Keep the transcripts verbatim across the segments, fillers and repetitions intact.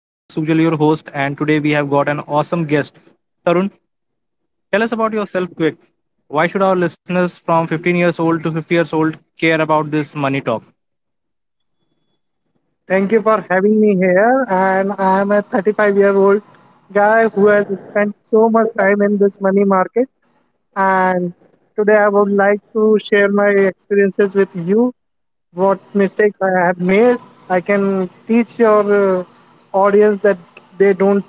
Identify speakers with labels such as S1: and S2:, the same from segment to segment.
S1: I'm Sujal, your host, and today we have got an awesome guest. Tarun, tell us about yourself quick. Why should our listeners from fifteen years old to fifty years old care about this money talk?
S2: Thank you for having me here. And I am a thirty-five year old guy who has spent so much time in this money market. And today I would like to share my experiences with you, what mistakes I have made. I can teach your uh, audience that they don't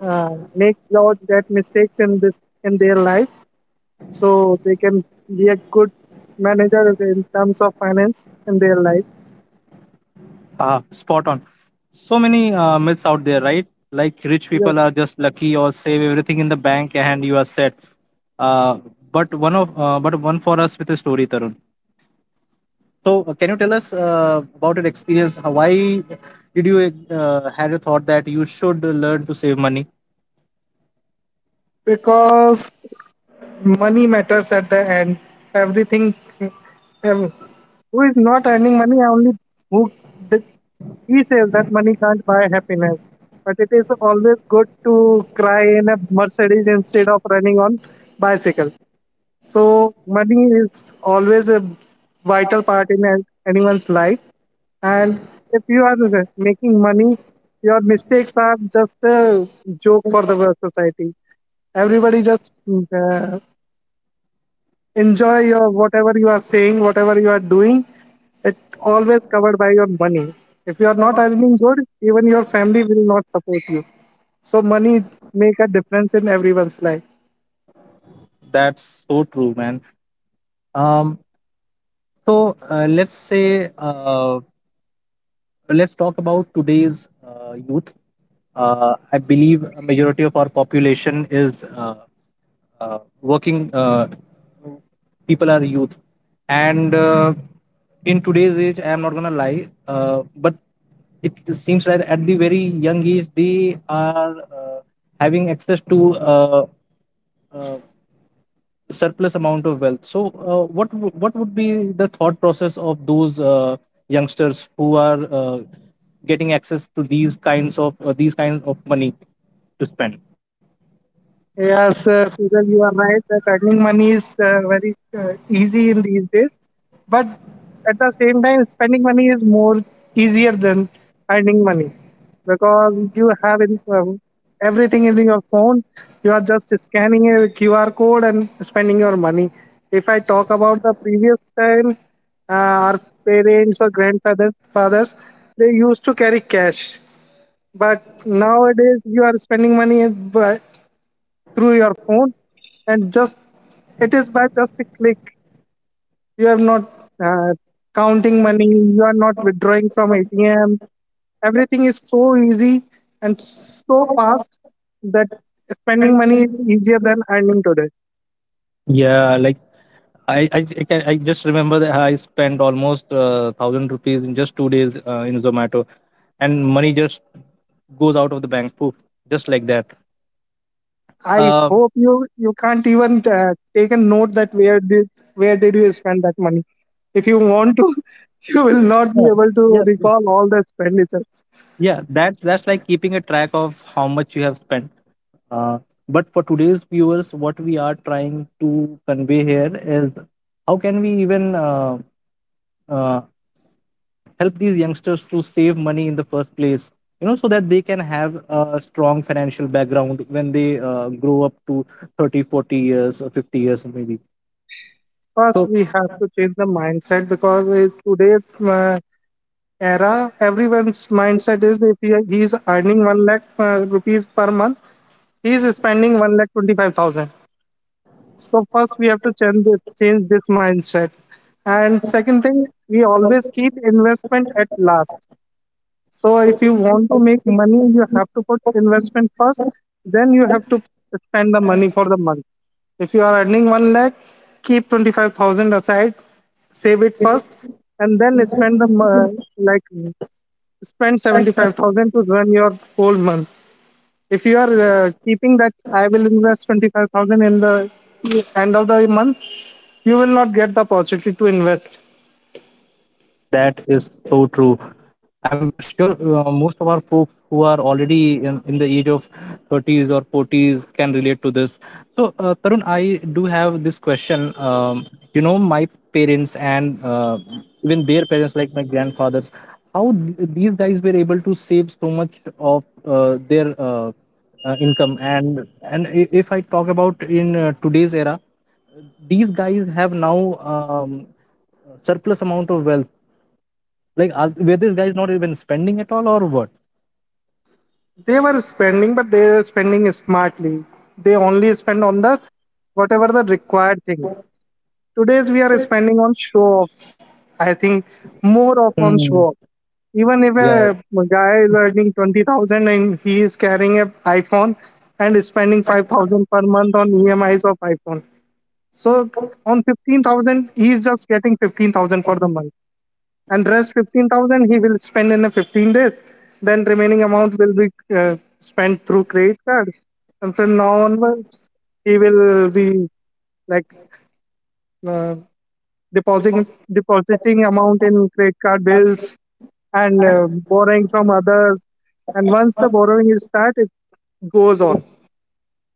S2: uh, make lot that mistakes in this in their life, so they can be a good manager in terms of finance in their life.
S1: Ah, spot on. So many uh, myths out there, right? Like rich
S2: Yes.
S1: people are just lucky, or save everything in the bank and you are set. Uh, but one of uh, but one for us with a story, Tarun. So, uh, can you tell us uh, about your experience? How- Why did you uh, had a thought that you should learn to save money?
S2: Because money matters at the end, everything, ev- who is not earning money, only who, the, he says that money can't buy happiness, but it is always good to cry in a Mercedes instead of running on bicycle. So money is always a vital part in an- anyone's life. And if you are making money, your mistakes are just a joke for the society. Everybody just uh, enjoy your whatever you are saying, whatever you are doing. It always covered by your money. If you are not earning good, even your family will not support you. So money make a difference in everyone's life.
S1: That's so true, man. Um, so uh, let's say uh, let's talk about today's uh, youth. Uh, I believe a majority of our population is uh, uh, working, uh, people are youth, and uh, in today's age I am not gonna lie, uh, but it seems that at the very young age they are uh, having access to uh, uh, surplus amount of wealth. So uh, what w- what would be the thought process of those uh, youngsters who are uh, getting access to these kinds of uh, these kinds of money to spend?
S2: Yes, uh, Sujal, you are right that earning money is uh, very uh, easy in these days, but at the same time, spending money is more easier than earning money because you have in, um, everything in your phone. You are just scanning a Q R code and spending your money. If I talk about the previous time, uh, our parents or grandfathers fathers, they used to carry cash, but nowadays you are spending money uh, through your phone, and just, it is by just a click. You have not uh, counting money, you are not withdrawing from A T M. Everything is so easy and so fast that spending money is easier than earning today.
S1: Yeah, like I I I, can, I just remember that I spent almost uh, thousand rupees in just two days uh, in Zomato, and money just goes out of the bank, poof, just like that.
S2: I
S1: Um,
S2: hope you you can't even uh, take a note that where did where did you spend that money. If you want to, you will not
S1: yeah,
S2: be able to
S1: yeah,
S2: recall all the expenditures.
S1: yeah. That's that's like keeping a track of how much you have spent. Uh, but for today's viewers, what we are trying to convey here is how can we even uh, uh, help these youngsters to save money in the first place, you know, so that they can have a strong financial background when they uh, grow up to thirty, forty years or fifty years maybe.
S2: First
S1: so
S2: we have to change the mindset, because is today's uh, era, everyone's mindset is, if he, he is earning 1 lakh uh, rupees per month, he is spending one lakh twenty-five thousand. So, first we have to change this, change this mindset. And second thing, we always keep investment at last. So, if you want to make money, you have to put investment first, then you have to spend the money for the month. If you are earning one lakh, keep twenty-five thousand aside, save it first, and then spend the mo- like spend seventy-five thousand to run your whole month. If you are uh, keeping that I will invest twenty-five thousand in the end of the month, you will not get the opportunity to invest.
S1: That is so true. I'm sure uh, most of our folks who are already in, in the age of thirties or forties can relate to this. So, uh, Tarun, I do have this question. Um, you know, my parents and uh, even their parents, like my grandfathers, how th- these guys were able to save so much of uh, their uh, uh, income. And and i- if I talk about in uh, today's era, these guys have now um, surplus amount of wealth. Like, are, were these guys not even spending at all or what?
S2: They were spending, but they were spending smartly. They only spend on the whatever the required things. Today's we are spending on show offs, I think, more of on
S1: Hmm.
S2: show offs. Even if
S1: Yeah,
S2: a guy is earning twenty thousand and he is carrying a iPhone and is spending five thousand per month on E M Is of iPhone. So on fifteen thousand, he is just getting fifteen thousand for the month. And rest fifteen thousand he will spend in a fifteen days. Then remaining amount will be uh, spent through credit cards. And from now onwards, he will be, like, uh, depositing depositing amount in credit card bills and uh, borrowing from others. And once the borrowing is started, it goes on,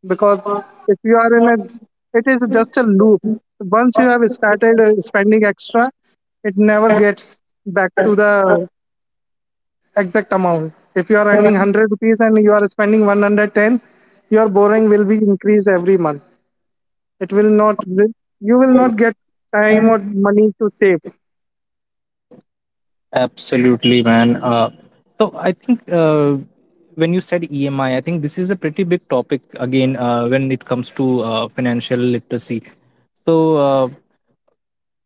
S2: because if you are in a, it is just a loop. Once you have started uh, spending extra, it never gets back to the exact amount. If you are earning one hundred rupees and you are spending one hundred ten, your borrowing will be increased every month. It will not, you will not get time or money to save.
S1: absolutely, man. Uh, So I think uh, when you said E M I, I I think this is a pretty big topic again uh, when it comes to uh, financial literacy. So uh,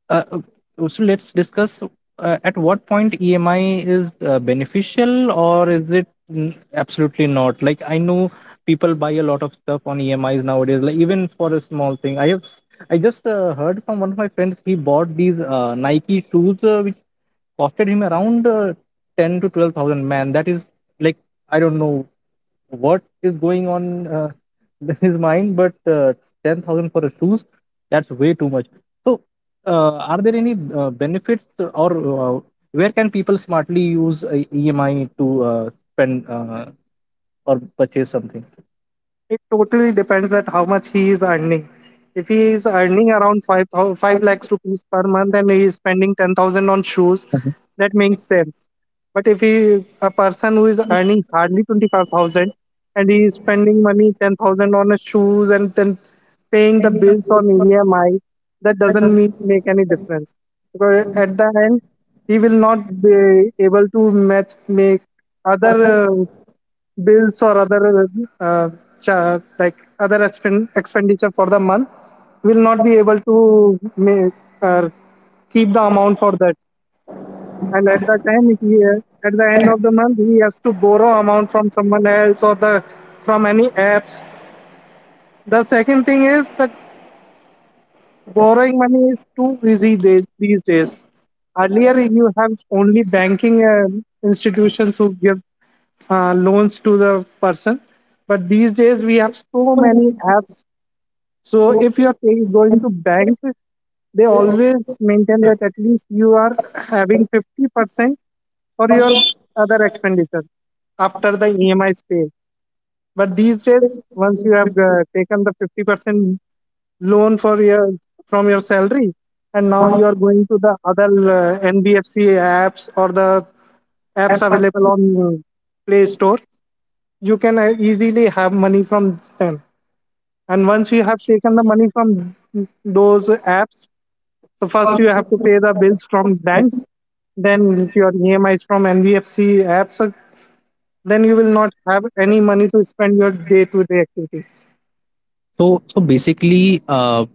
S1: Uh, uh, so let's discuss uh, at what point E M I is uh, beneficial, or is it n- absolutely not? Like, I know people buy a lot of stuff on E M Is nowadays. Like even for a small thing, I have s- I just uh, heard from one of my friends he bought these uh, Nike shoes uh, which costed him around uh, ten to twelve thousand. Man, that is like, I don't know what is going on uh, in his mind, but uh, ten thousand for a shoes, that's way too much. So, uh, are there any uh, benefits, or uh, where can people smartly use uh, E M I to uh, spend uh, or purchase something?
S2: It totally depends at how much he is earning. If he is earning around 5, thou- five lakhs rupees per month and he is spending ten thousand on shoes,
S1: Mhm.
S2: that makes sense. But if he, a person who is earning hardly twenty-five thousand and he is spending money ten thousand on his shoes and then paying the bills on E M I, that doesn't make, make any difference. Because at the end, he will not be able to match make other uh, bills, or other uh, cha- like other expend- expenditure for the month, will not be able to ma- uh, keep the amount for that, and at the time he, uh, at the end of the month he has to borrow amount from someone else or the from any apps. The second thing is that borrowing money is too easy days, these days. Earlier you have only banking uh, institutions who give uh, loans to the person. But these days we have so many apps. So if you are paying, going to banks, they always maintain that at least you are having fifty percent for your other expenditure after the E M I is paid. But these days, once you have uh, taken the fifty percent loan for your from your salary, and now you are going to the other uh, N B F C apps or the apps available on uh, Play Store, you can uh, easily have money from them. And once you have taken the money from those apps, so first you have to pay the bills from banks, then your E M Is from N B F C apps, so then you will not have any money to spend your day-to-day activities.
S1: So, so basically, uh,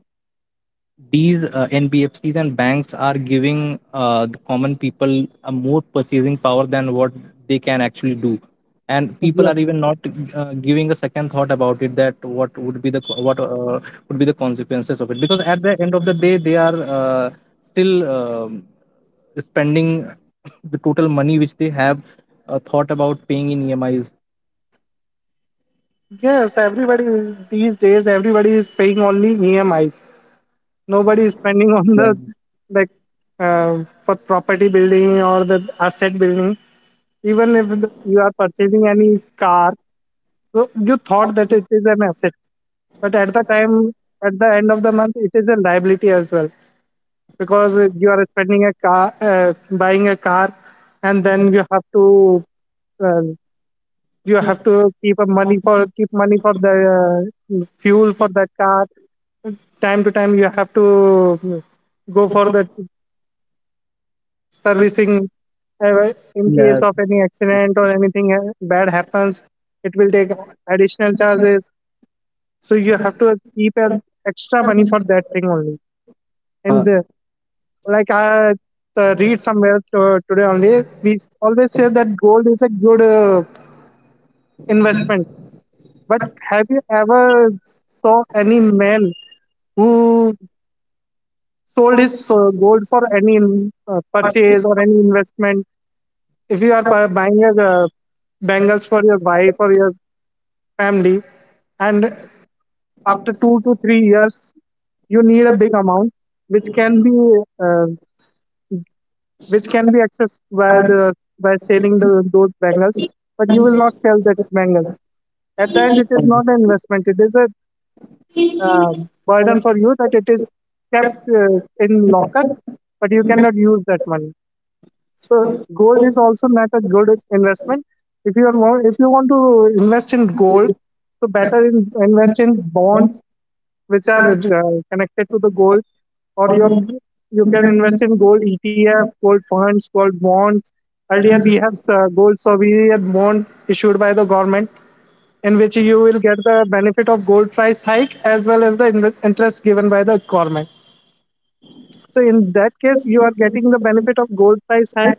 S1: these uh, N B F Cs and banks are giving uh, the common people a more purchasing power than what they can actually do, and people are
S2: Yes,
S1: even not uh, giving a second thought about it, that what would be the co- what uh, would be the consequences of it, because at the end of the day they are uh, still um, spending the total money which they have uh, thought about paying in E M Is.
S2: yes. Everybody is, these days, everybody is paying only E M Is. Nobody is spending on the, like, uh, for property building or the asset building. Even if the- you are purchasing any car, so you thought that it is an asset, but at the time, at the end of the month, it is a liability as well, because uh, you are spending a car, uh, buying a car, and then you have to uh, you have to keep a money for keep money for the uh, fuel for that car. Time to time, you have to go for the servicing, uh, in
S1: Yeah.
S2: case of any accident or anything uh, bad happens. It will take additional charges, so you have to keep an extra money for that thing only, and
S1: Yeah.
S2: the, like I uh, read somewhere to, today only. We always say that gold is a good uh, investment, but have you ever saw any man who sold his uh, gold for any uh, purchase or any investment? If you are pu- buying a uh, bangles for your wife or your family, and after two to three years you need a big amount which can be, uh, which can be accessed by the by selling the, those bangles. But you will not sell that bangles. At the end it is not an investment, it is a uh, burden for you, that it is kept uh, in locker, but you cannot use that money. So gold is also not a good investment. If you are wa- if you want to invest in gold, so better, in, invest in bonds which are uh, connected to the gold. Or your you can invest in gold E T F, gold funds, gold bonds. Earlier, we have uh, gold sovereign bond issued by the government, in which you will get the benefit of gold price hike as well as the in- interest given by the government. So in that case, you are getting the benefit of gold price hike,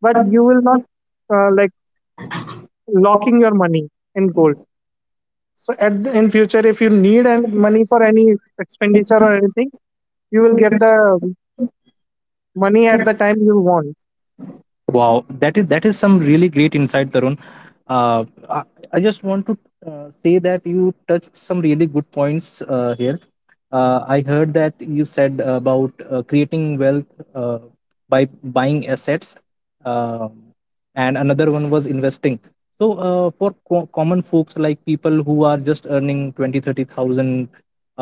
S2: but you will not uh, like locking your money in gold. So at the, in future, if you need an- money for any expenditure or anything, you will get the money at the time you want.
S1: Wow, that is that is some really great insight, Tarun. Uh, I, I just want to uh, say that you touched some really good points uh, here. Uh, I heard that you said about uh, creating wealth uh, by buying assets, uh, and another one was investing. So, uh, for co- common folks, like people who are just earning twenty, thirty thousand,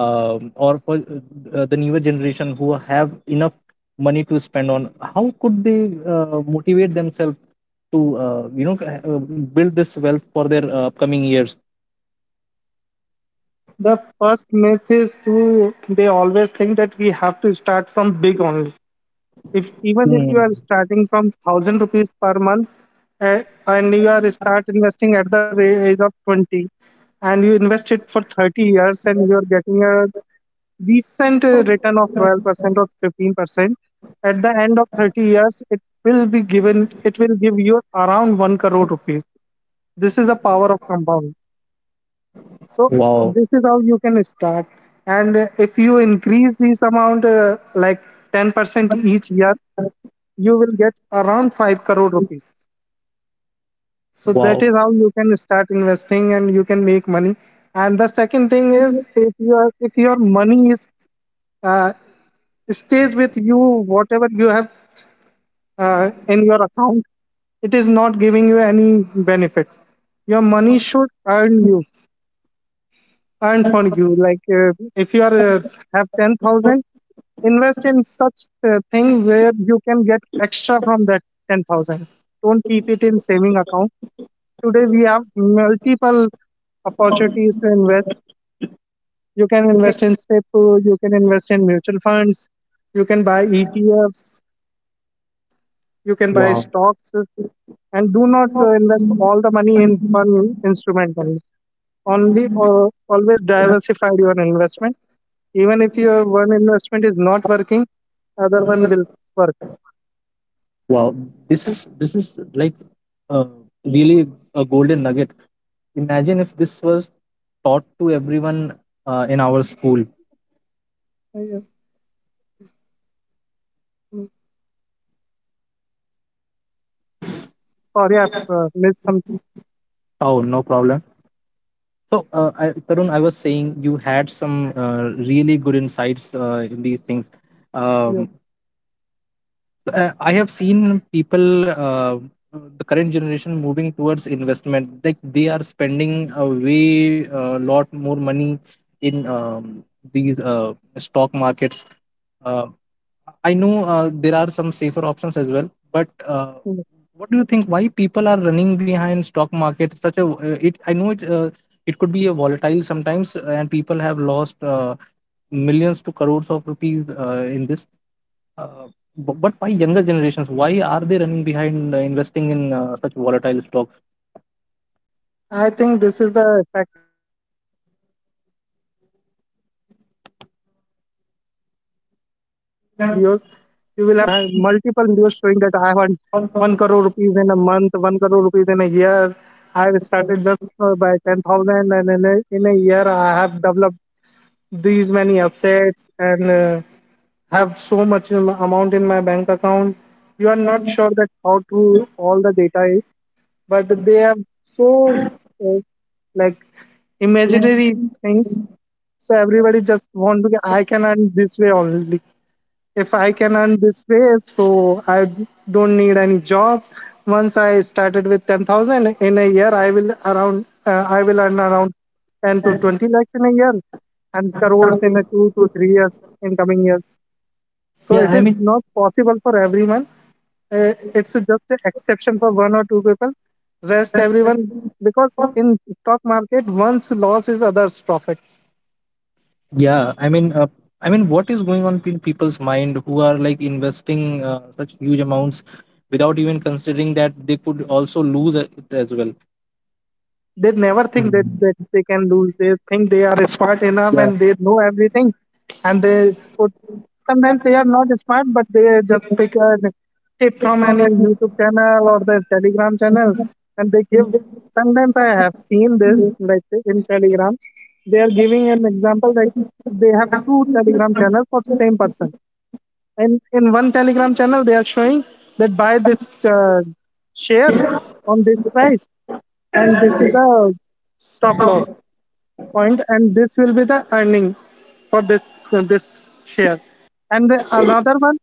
S1: um, or for uh, the newer generation who have enough money to spend on, how could they uh, motivate themselves to, uh, you know uh, build this wealth for their uh, upcoming years?
S2: The first myth is, to they always think that we have to start from big only. If even if you
S1: Hmm.
S2: are starting from thousand rupees per month, eh, and you are start investing at the ra- age of twenty and you invest it for thirty years and you are getting a decent eh, return of twelve percent or fifteen percent, at the end of thirty years it, will be given it will give you around one crore rupees. This is the power of compounding. So
S1: Wow.
S2: this is how you can start. And uh, if you increase this amount, uh, like ten percent each year, you will get around five crore rupees. So
S1: Wow.
S2: that is how you can start investing and you can make money. And the second thing is, if your if your money is uh, stays with you, whatever you have uh, in your account, it is not giving you any benefit. Your money should earn you, earn for you. Like uh, if you are uh, have ten thousand, invest in such uh, thing where you can get extra from that ten thousand. Don't keep it in saving account. Today we have multiple opportunities to invest. You can invest in S E P O, you can invest in mutual funds, you can buy etfs, you can buy
S1: Wow.
S2: stocks. And do not uh, invest all the money in one instrument only only uh, Always diversify your investment. Even if your one investment is not working, other one will work.
S1: Wow, this is this is like uh, really a golden nugget. Imagine if this was taught to everyone uh, in our school.
S2: Yeah. Sorry, I've uh, missed something.
S1: Oh, no problem. So uh, I, Tarun, I was saying you had some uh, really good insights uh, in these things.
S2: Yes,
S1: um, uh, I have seen people, uh, the current generation, moving towards investment. Like they are spending a way uh, lot more money in um, these uh, stock markets. Uh, I know uh, there are some safer options as well, but uh,
S2: yes.
S1: what do you think? Why people are running behind stock market? Such a uh, it. I know it. Uh, it could be a volatile sometimes, and people have lost uh, millions to crores of rupees uh, in this. Uh, bu- but why younger generations? Why are they running behind uh, investing in uh, such volatile stocks?
S2: I think this is the effect of social media, because if you go to any social media or any like YouTube videos, you will have ma- multiple videos showing that I have earned one crore rupees in a month, one crore rupees in a year. I have started just uh, by ten thousand, and in a, in a year I have developed these many assets, and uh, have so much am- amount in my bank account. You are not sure that how true all the data is, but they have so, uh, like, imaginary things. So everybody just want to get, I can earn this way only. If I can earn this way, so I don't need any job. Once I started with ten thousand in a year, I will around uh, I will earn around ten to twenty lakhs in a year and crores in a two to three years in coming years. So
S1: Yeah,
S2: it
S1: I
S2: is
S1: mean,
S2: not possible for everyone, uh, it's just an exception for one or two people, rest everyone, because in stock market one's loss is others profit.
S1: yeah, I mean, uh, I mean, what is going on in people's mind, who are like investing uh, such huge amounts without even considering that they could also lose it as well?
S2: They never think that,
S1: Hmm.
S2: that they can lose. They think they are smart enough and they know everything, and they put. Sometimes they are not smart, but they just pick a tip from any youtube channel or the telegram channel, and they give. Sometimes I have seen this like in telegram, they are giving an example like they have two telegram channels for same person. And in one Telegram channel, they are showing that buy this uh, share on this price, and this is the stop loss point, and this will be the earning for this uh, this share. And the, another one,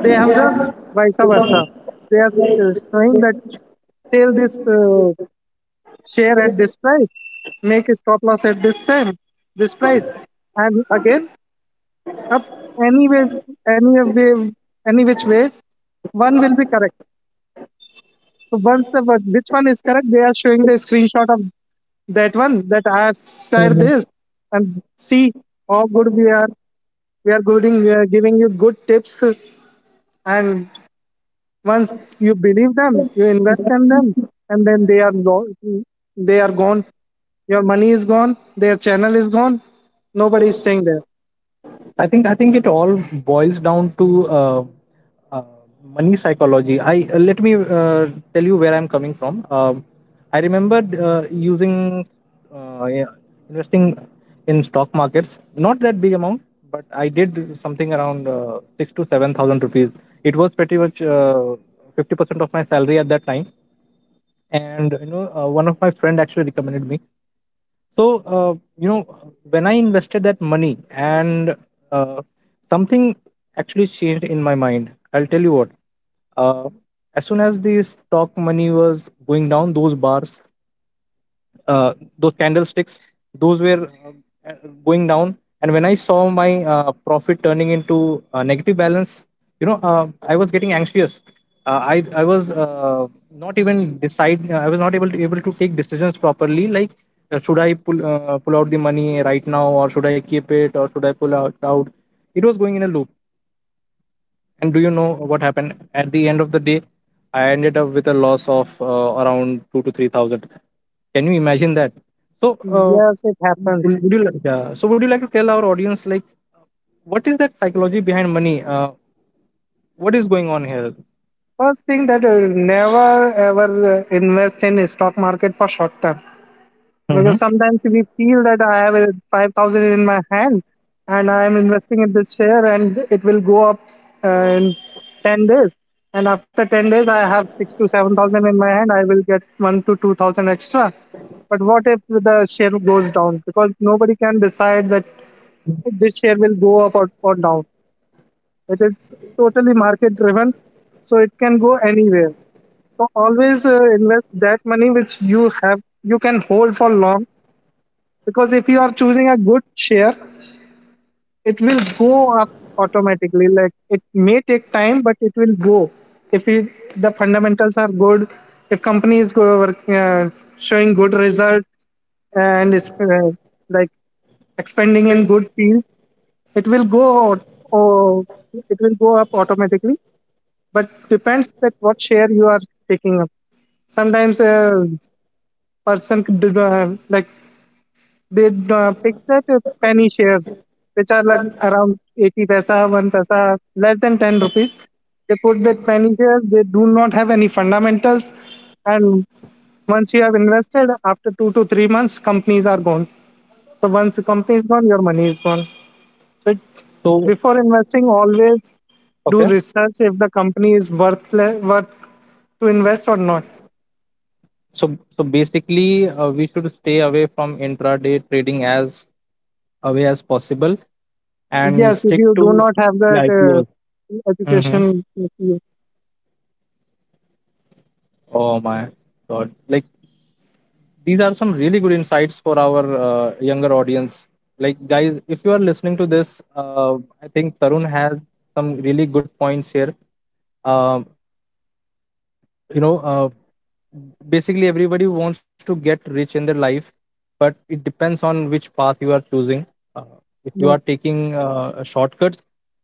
S2: they have the vice versa. They are uh, showing that sell this uh, share at this price, make a stop loss at this time, this price, and again up. Anyway, any way, any which way, one will be correct. So once the one- which one is correct, they are showing the screenshot of that one that I have said this, and see how good we are. We are giving uh, giving you good tips, and once you believe them, you invest in them, and then they are gone. They are gone. Your money is gone. Their channel is gone. Nobody is staying there.
S1: I think I think it all boils down to uh, uh, money psychology. I uh, Let me uh, tell you where I'm coming from. Um, I remember uh, using uh, yeah, investing in stock markets, not that big amount, but I did something around uh, six to seven thousand rupees. It was pretty much uh, fifty percent of my salary at that time, and you know, uh, one of my friend actually recommended me. So, uh, you know, when I invested that money and uh, something actually changed in my mind, I'll tell you what. Uh, as soon as the stock money was going down, those bars, uh, those candlesticks, those were uh, going down, and when I saw my uh, profit turning into a negative balance, you know, uh, I was getting anxious. Uh, I I was uh, not even decide uh, I was not able to able to take decisions properly, like uh, should I pull uh, pull out the money right now, or should I keep it, or should I pull out out? It was going in a loop. And do you know what happened? At the end of the day, I ended up with a loss of uh, around two to three thousand. Can you imagine that? So, uh,
S2: Yes, it happens.
S1: would would you like, yeah. So would you like to tell our audience like what is that psychology behind money? Uh, what is going on here?
S2: First thing that I never ever uh, invest in stock market for short term,
S1: Hmm.
S2: because sometimes we feel that I have uh, five thousand in my hand, and I am investing in this share and it will go up uh, in ten days. And after ten days, I have six to seven thousand in my hand. I will get one to two thousand extra. But what if the share goes down? Because nobody can decide that this share will go up or, or down. It is totally market driven, so it can go anywhere. So always uh, invest that money which you have you can hold for long, because if you are choosing a good share, it will go up automatically. Like it may take time, but it will go. If you, the fundamentals are good, if company is go, uh, showing good result, and is uh, like expanding in good field, it will go out, or it will go up automatically. But depends that what share you are taking up. Sometimes uh, person did not like, they uh, picked up penny shares which are like around eighty paisa, one paisa, less than ten rupees. They put the penny shares, they do not have any fundamentals, and once you have invested after two to three months, companies are gone. So once the company is gone, your money is gone. So, it-
S1: So
S2: before investing always do
S1: okay,
S2: research if the company is worth worth to invest or not.
S1: so so basically, uh, we should stay away from intraday trading as away as possible and
S2: Yes, if
S1: stick
S2: you do
S1: to
S2: not have
S1: the
S2: that
S1: I P Os.
S2: uh,
S1: Hmm.
S2: education, if you,
S1: Oh my god! Like these are some really good insights for our uh, younger audience. Like guys, if you are listening to this, uh, I think Tarun has some really good points here. um, you know, uh, basically, everybody wants to get rich in their life, but it depends on which path you are choosing. uh, if you are
S2: no.
S1: taking uh, shortcuts,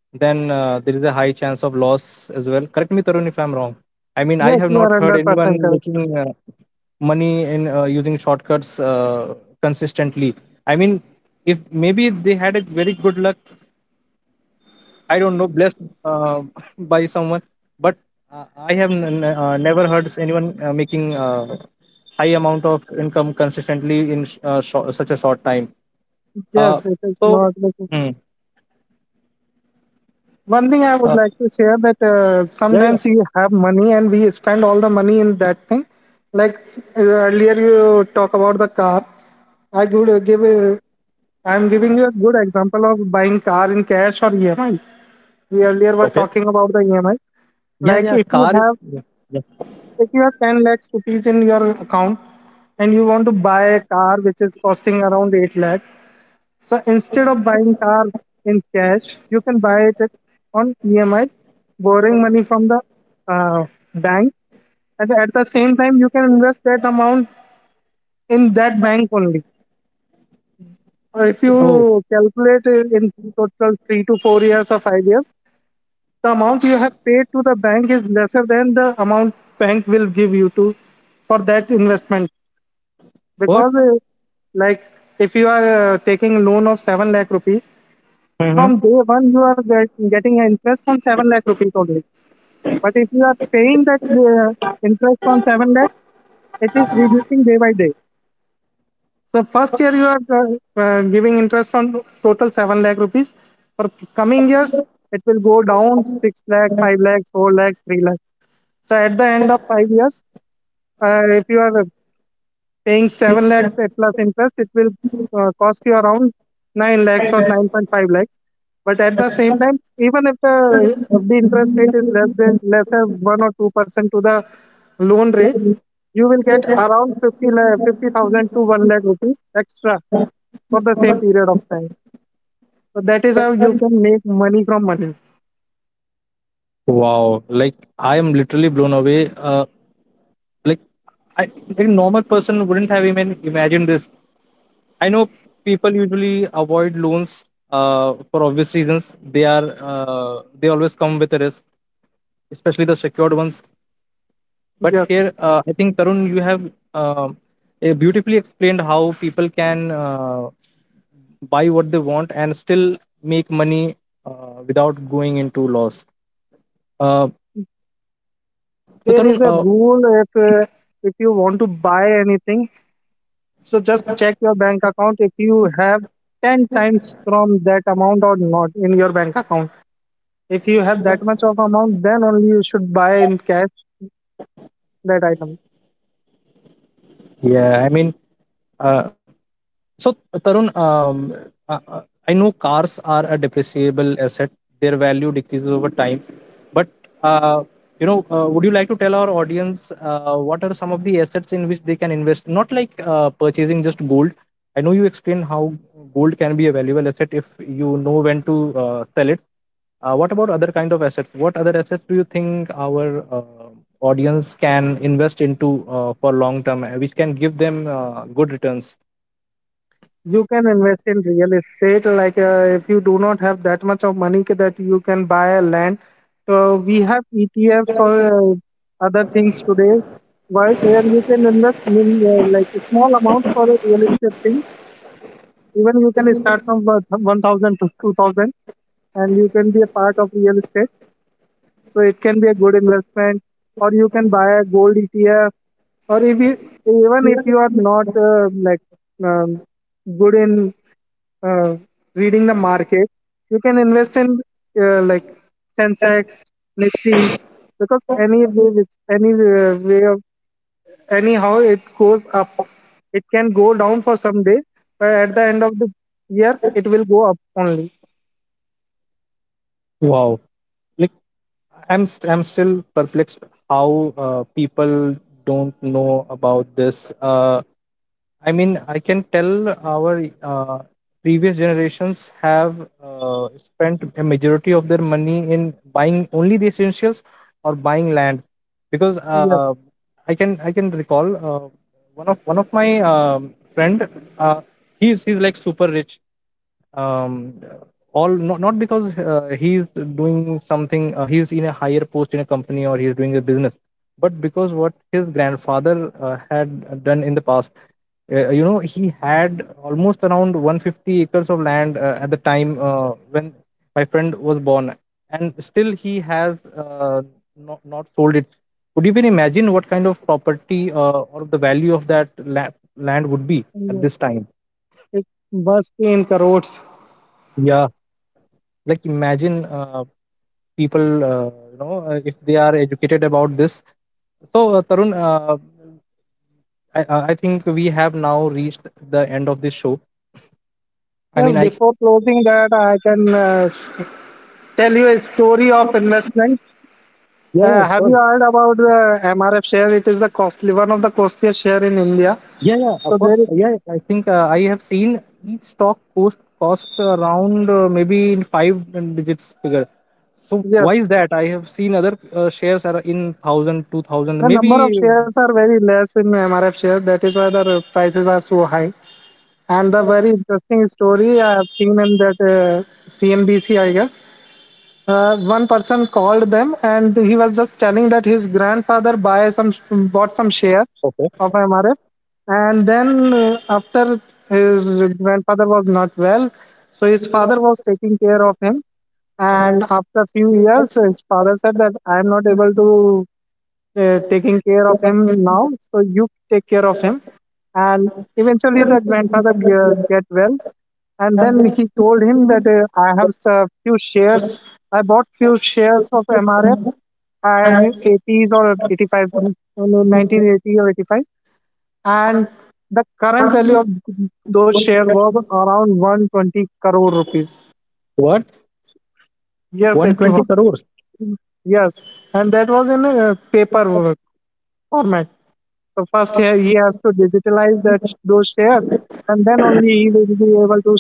S1: then uh, there is a high chance of loss as well. Correct me, Tarun, if I'm wrong. I mean, I
S2: Yes,
S1: have
S2: you are
S1: not heard
S2: hundred
S1: anyone
S2: percent correct.
S1: making uh, money in uh, using shortcuts uh, consistently. I mean, if maybe they had a very good luck, I don't know, blessed uh, by someone, but uh, I have n- n- uh, never heard anyone uh, making uh, high amount of income consistently in sh- uh, shor- such a short time. Uh,
S2: Yes, it is
S1: so,
S2: not. like-
S1: mm,
S2: One thing I would
S1: uh,
S2: like to share, that uh,
S1: yeah, yeah,
S2: sometimes you have money and we spend all the money in that thing. Like uh, earlier, you talk about the car. I would give. A, I'm giving you a good example of buying car in cash or E M Is. We earlier were
S1: okay,
S2: talking about the E M I.
S1: yeah,
S2: Like
S1: yeah,
S2: if you
S1: car. is-
S2: have
S1: Yeah, yeah.
S2: if you have ten lakhs rupees in your account, and you want to buy a car which is costing around eight lakhs. So instead of buying car in cash, you can buy it on emis, borrowing money from the uh, bank, and at the same time you can invest that amount in that bank only. Or if
S1: Oh,
S2: you calculate it in total three to four years or five years, the amount you have paid to the bank is lesser than the amount bank will give you to for that investment.
S1: what?
S2: Because, uh, like, if you are uh, taking loan of seven lakh rupees, from
S1: Hmm.
S2: day one you are get, getting an interest on seven lakh rupees only. But if you are paying that uh, interest on seven lakhs, it is reducing day by day. So first year you are uh, uh, giving interest on total seven lakh rupees. For coming years it will go down six lakh, five lakhs, four lakhs, three lakhs. So at the end of five years, uh, if you are paying seven lakhs eh, plus interest, it will uh, cost you around nine lakhs or nine point five lakhs. But at the same time, even if the F D interest rate is less than lesser one or two percent to the loan rate, you will get around fifty lakh, fifty thousand to one lakh rupees extra for the same period of time. So that is how you can make money from money.
S1: Wow, like I am literally blown away. Uh, Like I, like, a normal person wouldn't have even imagined this. I know people usually avoid loans uh, for obvious reasons. They are uh, they always come with a risk, especially the secured ones. But here,
S2: Yes.
S1: uh, I think Tarun, you have uh, eh, beautifully explained how people can uh, buy what they want and still make money uh, without going into loss. Uh, so
S2: There
S1: Tarun,
S2: is a
S1: uh,
S2: rule, if, uh, if you want to buy anything, so just check your bank account if you have ten times from that amount or not in your bank account. If you have that much of amount, then only you should buy in cash that item.
S1: yeah, I mean, uh, So, Tarun, um, uh, uh, I know cars are a depreciable asset. Their value decreases over time. But, uh, you know, uh, would you like to tell our audience uh, what are some of the assets in which they can invest? Not like uh, purchasing just gold. I know you explained how gold can be a valuable asset if you know when to uh, sell it. Uh, what about other kind of assets? What other assets do you think our uh, audience can invest into uh, for long term, uh, which can give them uh, good returns?
S2: You can invest in real estate. Like uh, if you do not have that much of money ca- that you can buy a land, so we have E T Fs or uh, other things today. While there you can invest in, uh, like, a small amount for a real estate thing. Even you can start from uh, one thousand to two thousand and you can be a part of real estate. So it can be a good investment, or you can buy a gold E T F, or if you, even if you are not, uh, like, um, good in uh, reading the market, you can invest in, uh, like, Sensex, Nifty, because any way which any uh, way of anyhow it goes up. It can go down for some day, but at the end of the year it will go up only.
S1: Wow. Like i'm st- I'm still perplexed how uh, people don't know about this. uh, I mean, I can tell our uh, previous generations have uh, spent a majority of their money in buying only the essentials, or buying land, because
S2: Yes,
S1: uh, i can I can recall uh, one of one of my um, friend, uh, he's he's like super rich, um all not, not because uh, he's doing something uh, he's in a higher post in a company, or he's doing a business, but because what his grandfather uh, had done in the past. Uh, you know, he had almost around one hundred fifty acres of land uh, at the time uh, when my friend was born, and still he has uh, not, not sold it. Could you even imagine what kind of property uh, or the value of that la- land would be at
S2: yes.
S1: this time?
S2: It must be in crores.
S1: Yeah, like, imagine uh, people, uh, you know, uh, if they are educated about this. So uh, Tarun, uh, I, I I think we have now reached the end of this show. I
S2: Yes,
S1: mean, I—
S2: before closing that, I can uh, tell you a story of investment.
S1: Yeah, yeah,
S2: Uh, have
S1: sure.
S2: you heard about the M R F share? It is the costly one of the costliest share in India.
S1: Yeah, yeah,
S2: So
S1: of course.
S2: there, is-
S1: Yeah, yeah. I think uh, I have seen each stock cost costs around uh, maybe in five digits figure. So why
S2: yes,
S1: is that? I have seen other uh, shares are in thousand, two thousand,
S2: the
S1: maybe.
S2: number of shares are very less in M R F share. That is why the r- prices are so high. And the very interesting story I have seen in that uh, C N B C, I guess. Uh, one person called them, and he was just telling that his grandfather buy some bought some share
S1: Okay.
S2: of M R F. And then uh, after, his grandfather was not well, so his father was taking care of him. And after a few years his father said that I am not able to uh, taking care of him now, so you take care of him. And eventually the grandfather ge- get well, and then he told him that uh, I have a few shares, i bought few shares of mrf, and in eighties or eighty-five, in nineteen eighty or eighty-five. And the current value of those shares was around one hundred twenty crore rupees.
S1: What?
S2: Yes,
S1: one hundred
S2: it
S1: twenty
S2: was.
S1: crores.
S2: Yes, and that was in a uh, paper format. So first he he has to digitalize that those shares, and then only he will be able to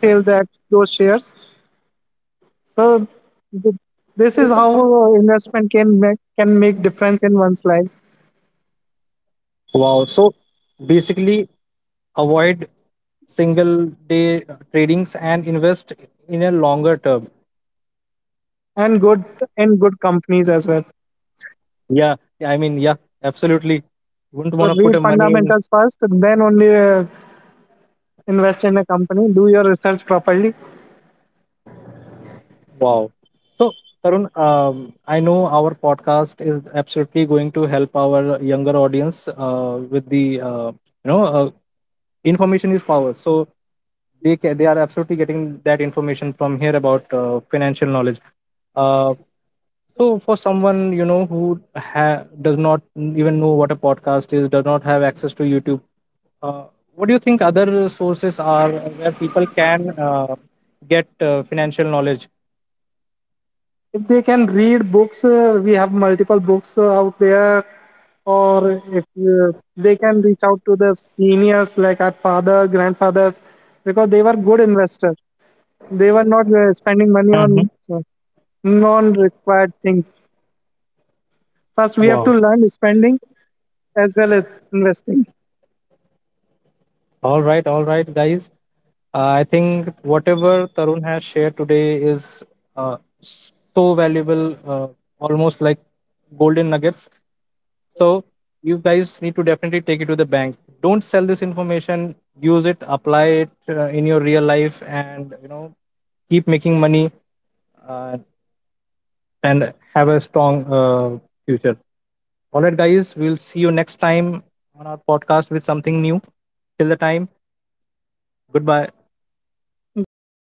S2: sell that those shares. So, th- this is how uh, investment can make can make difference in one's life.
S1: Wow! So basically, avoid single day tradings and invest in a longer term.
S2: And good in good companies as well.
S1: Yeah, I mean, yeah, absolutely. Wouldn't
S2: So
S1: want to put
S2: read
S1: a money in.
S2: fundamentals first, and then only uh, invest in a company, do your research properly.
S1: Wow. So, Tarun, um, I know our podcast is absolutely going to help our younger audience uh, with the, uh, you know, uh, information is power. So, they, ca- they are absolutely getting that information from here about uh, financial knowledge. Uh, So for someone, you know, who ha- does not even know what a podcast is, does not have access to YouTube, uh, what do you think other sources are where people can uh, get uh, financial knowledge?
S2: If they can read books, uh, we have multiple books uh, out there. Or if uh, they can reach out to the seniors like our father grandfathers, because they were good investors. They were not uh, spending money
S1: Hmm.
S2: on uh, non required things. First we have to
S1: Wow.
S2: learn spending as well as investing.
S1: All right, all right, guys. Uh, I think whatever Tarun has shared today is uh, so valuable, uh, almost like golden nuggets. So you guys need to definitely take it to the bank. Don't sell this information. Use it, apply it uh, in your real life, and you know, keep making money uh, and have a strong uh, future. All right, guys. We'll see you next time on our podcast with something new. Till the time, goodbye.
S2: Goodbye.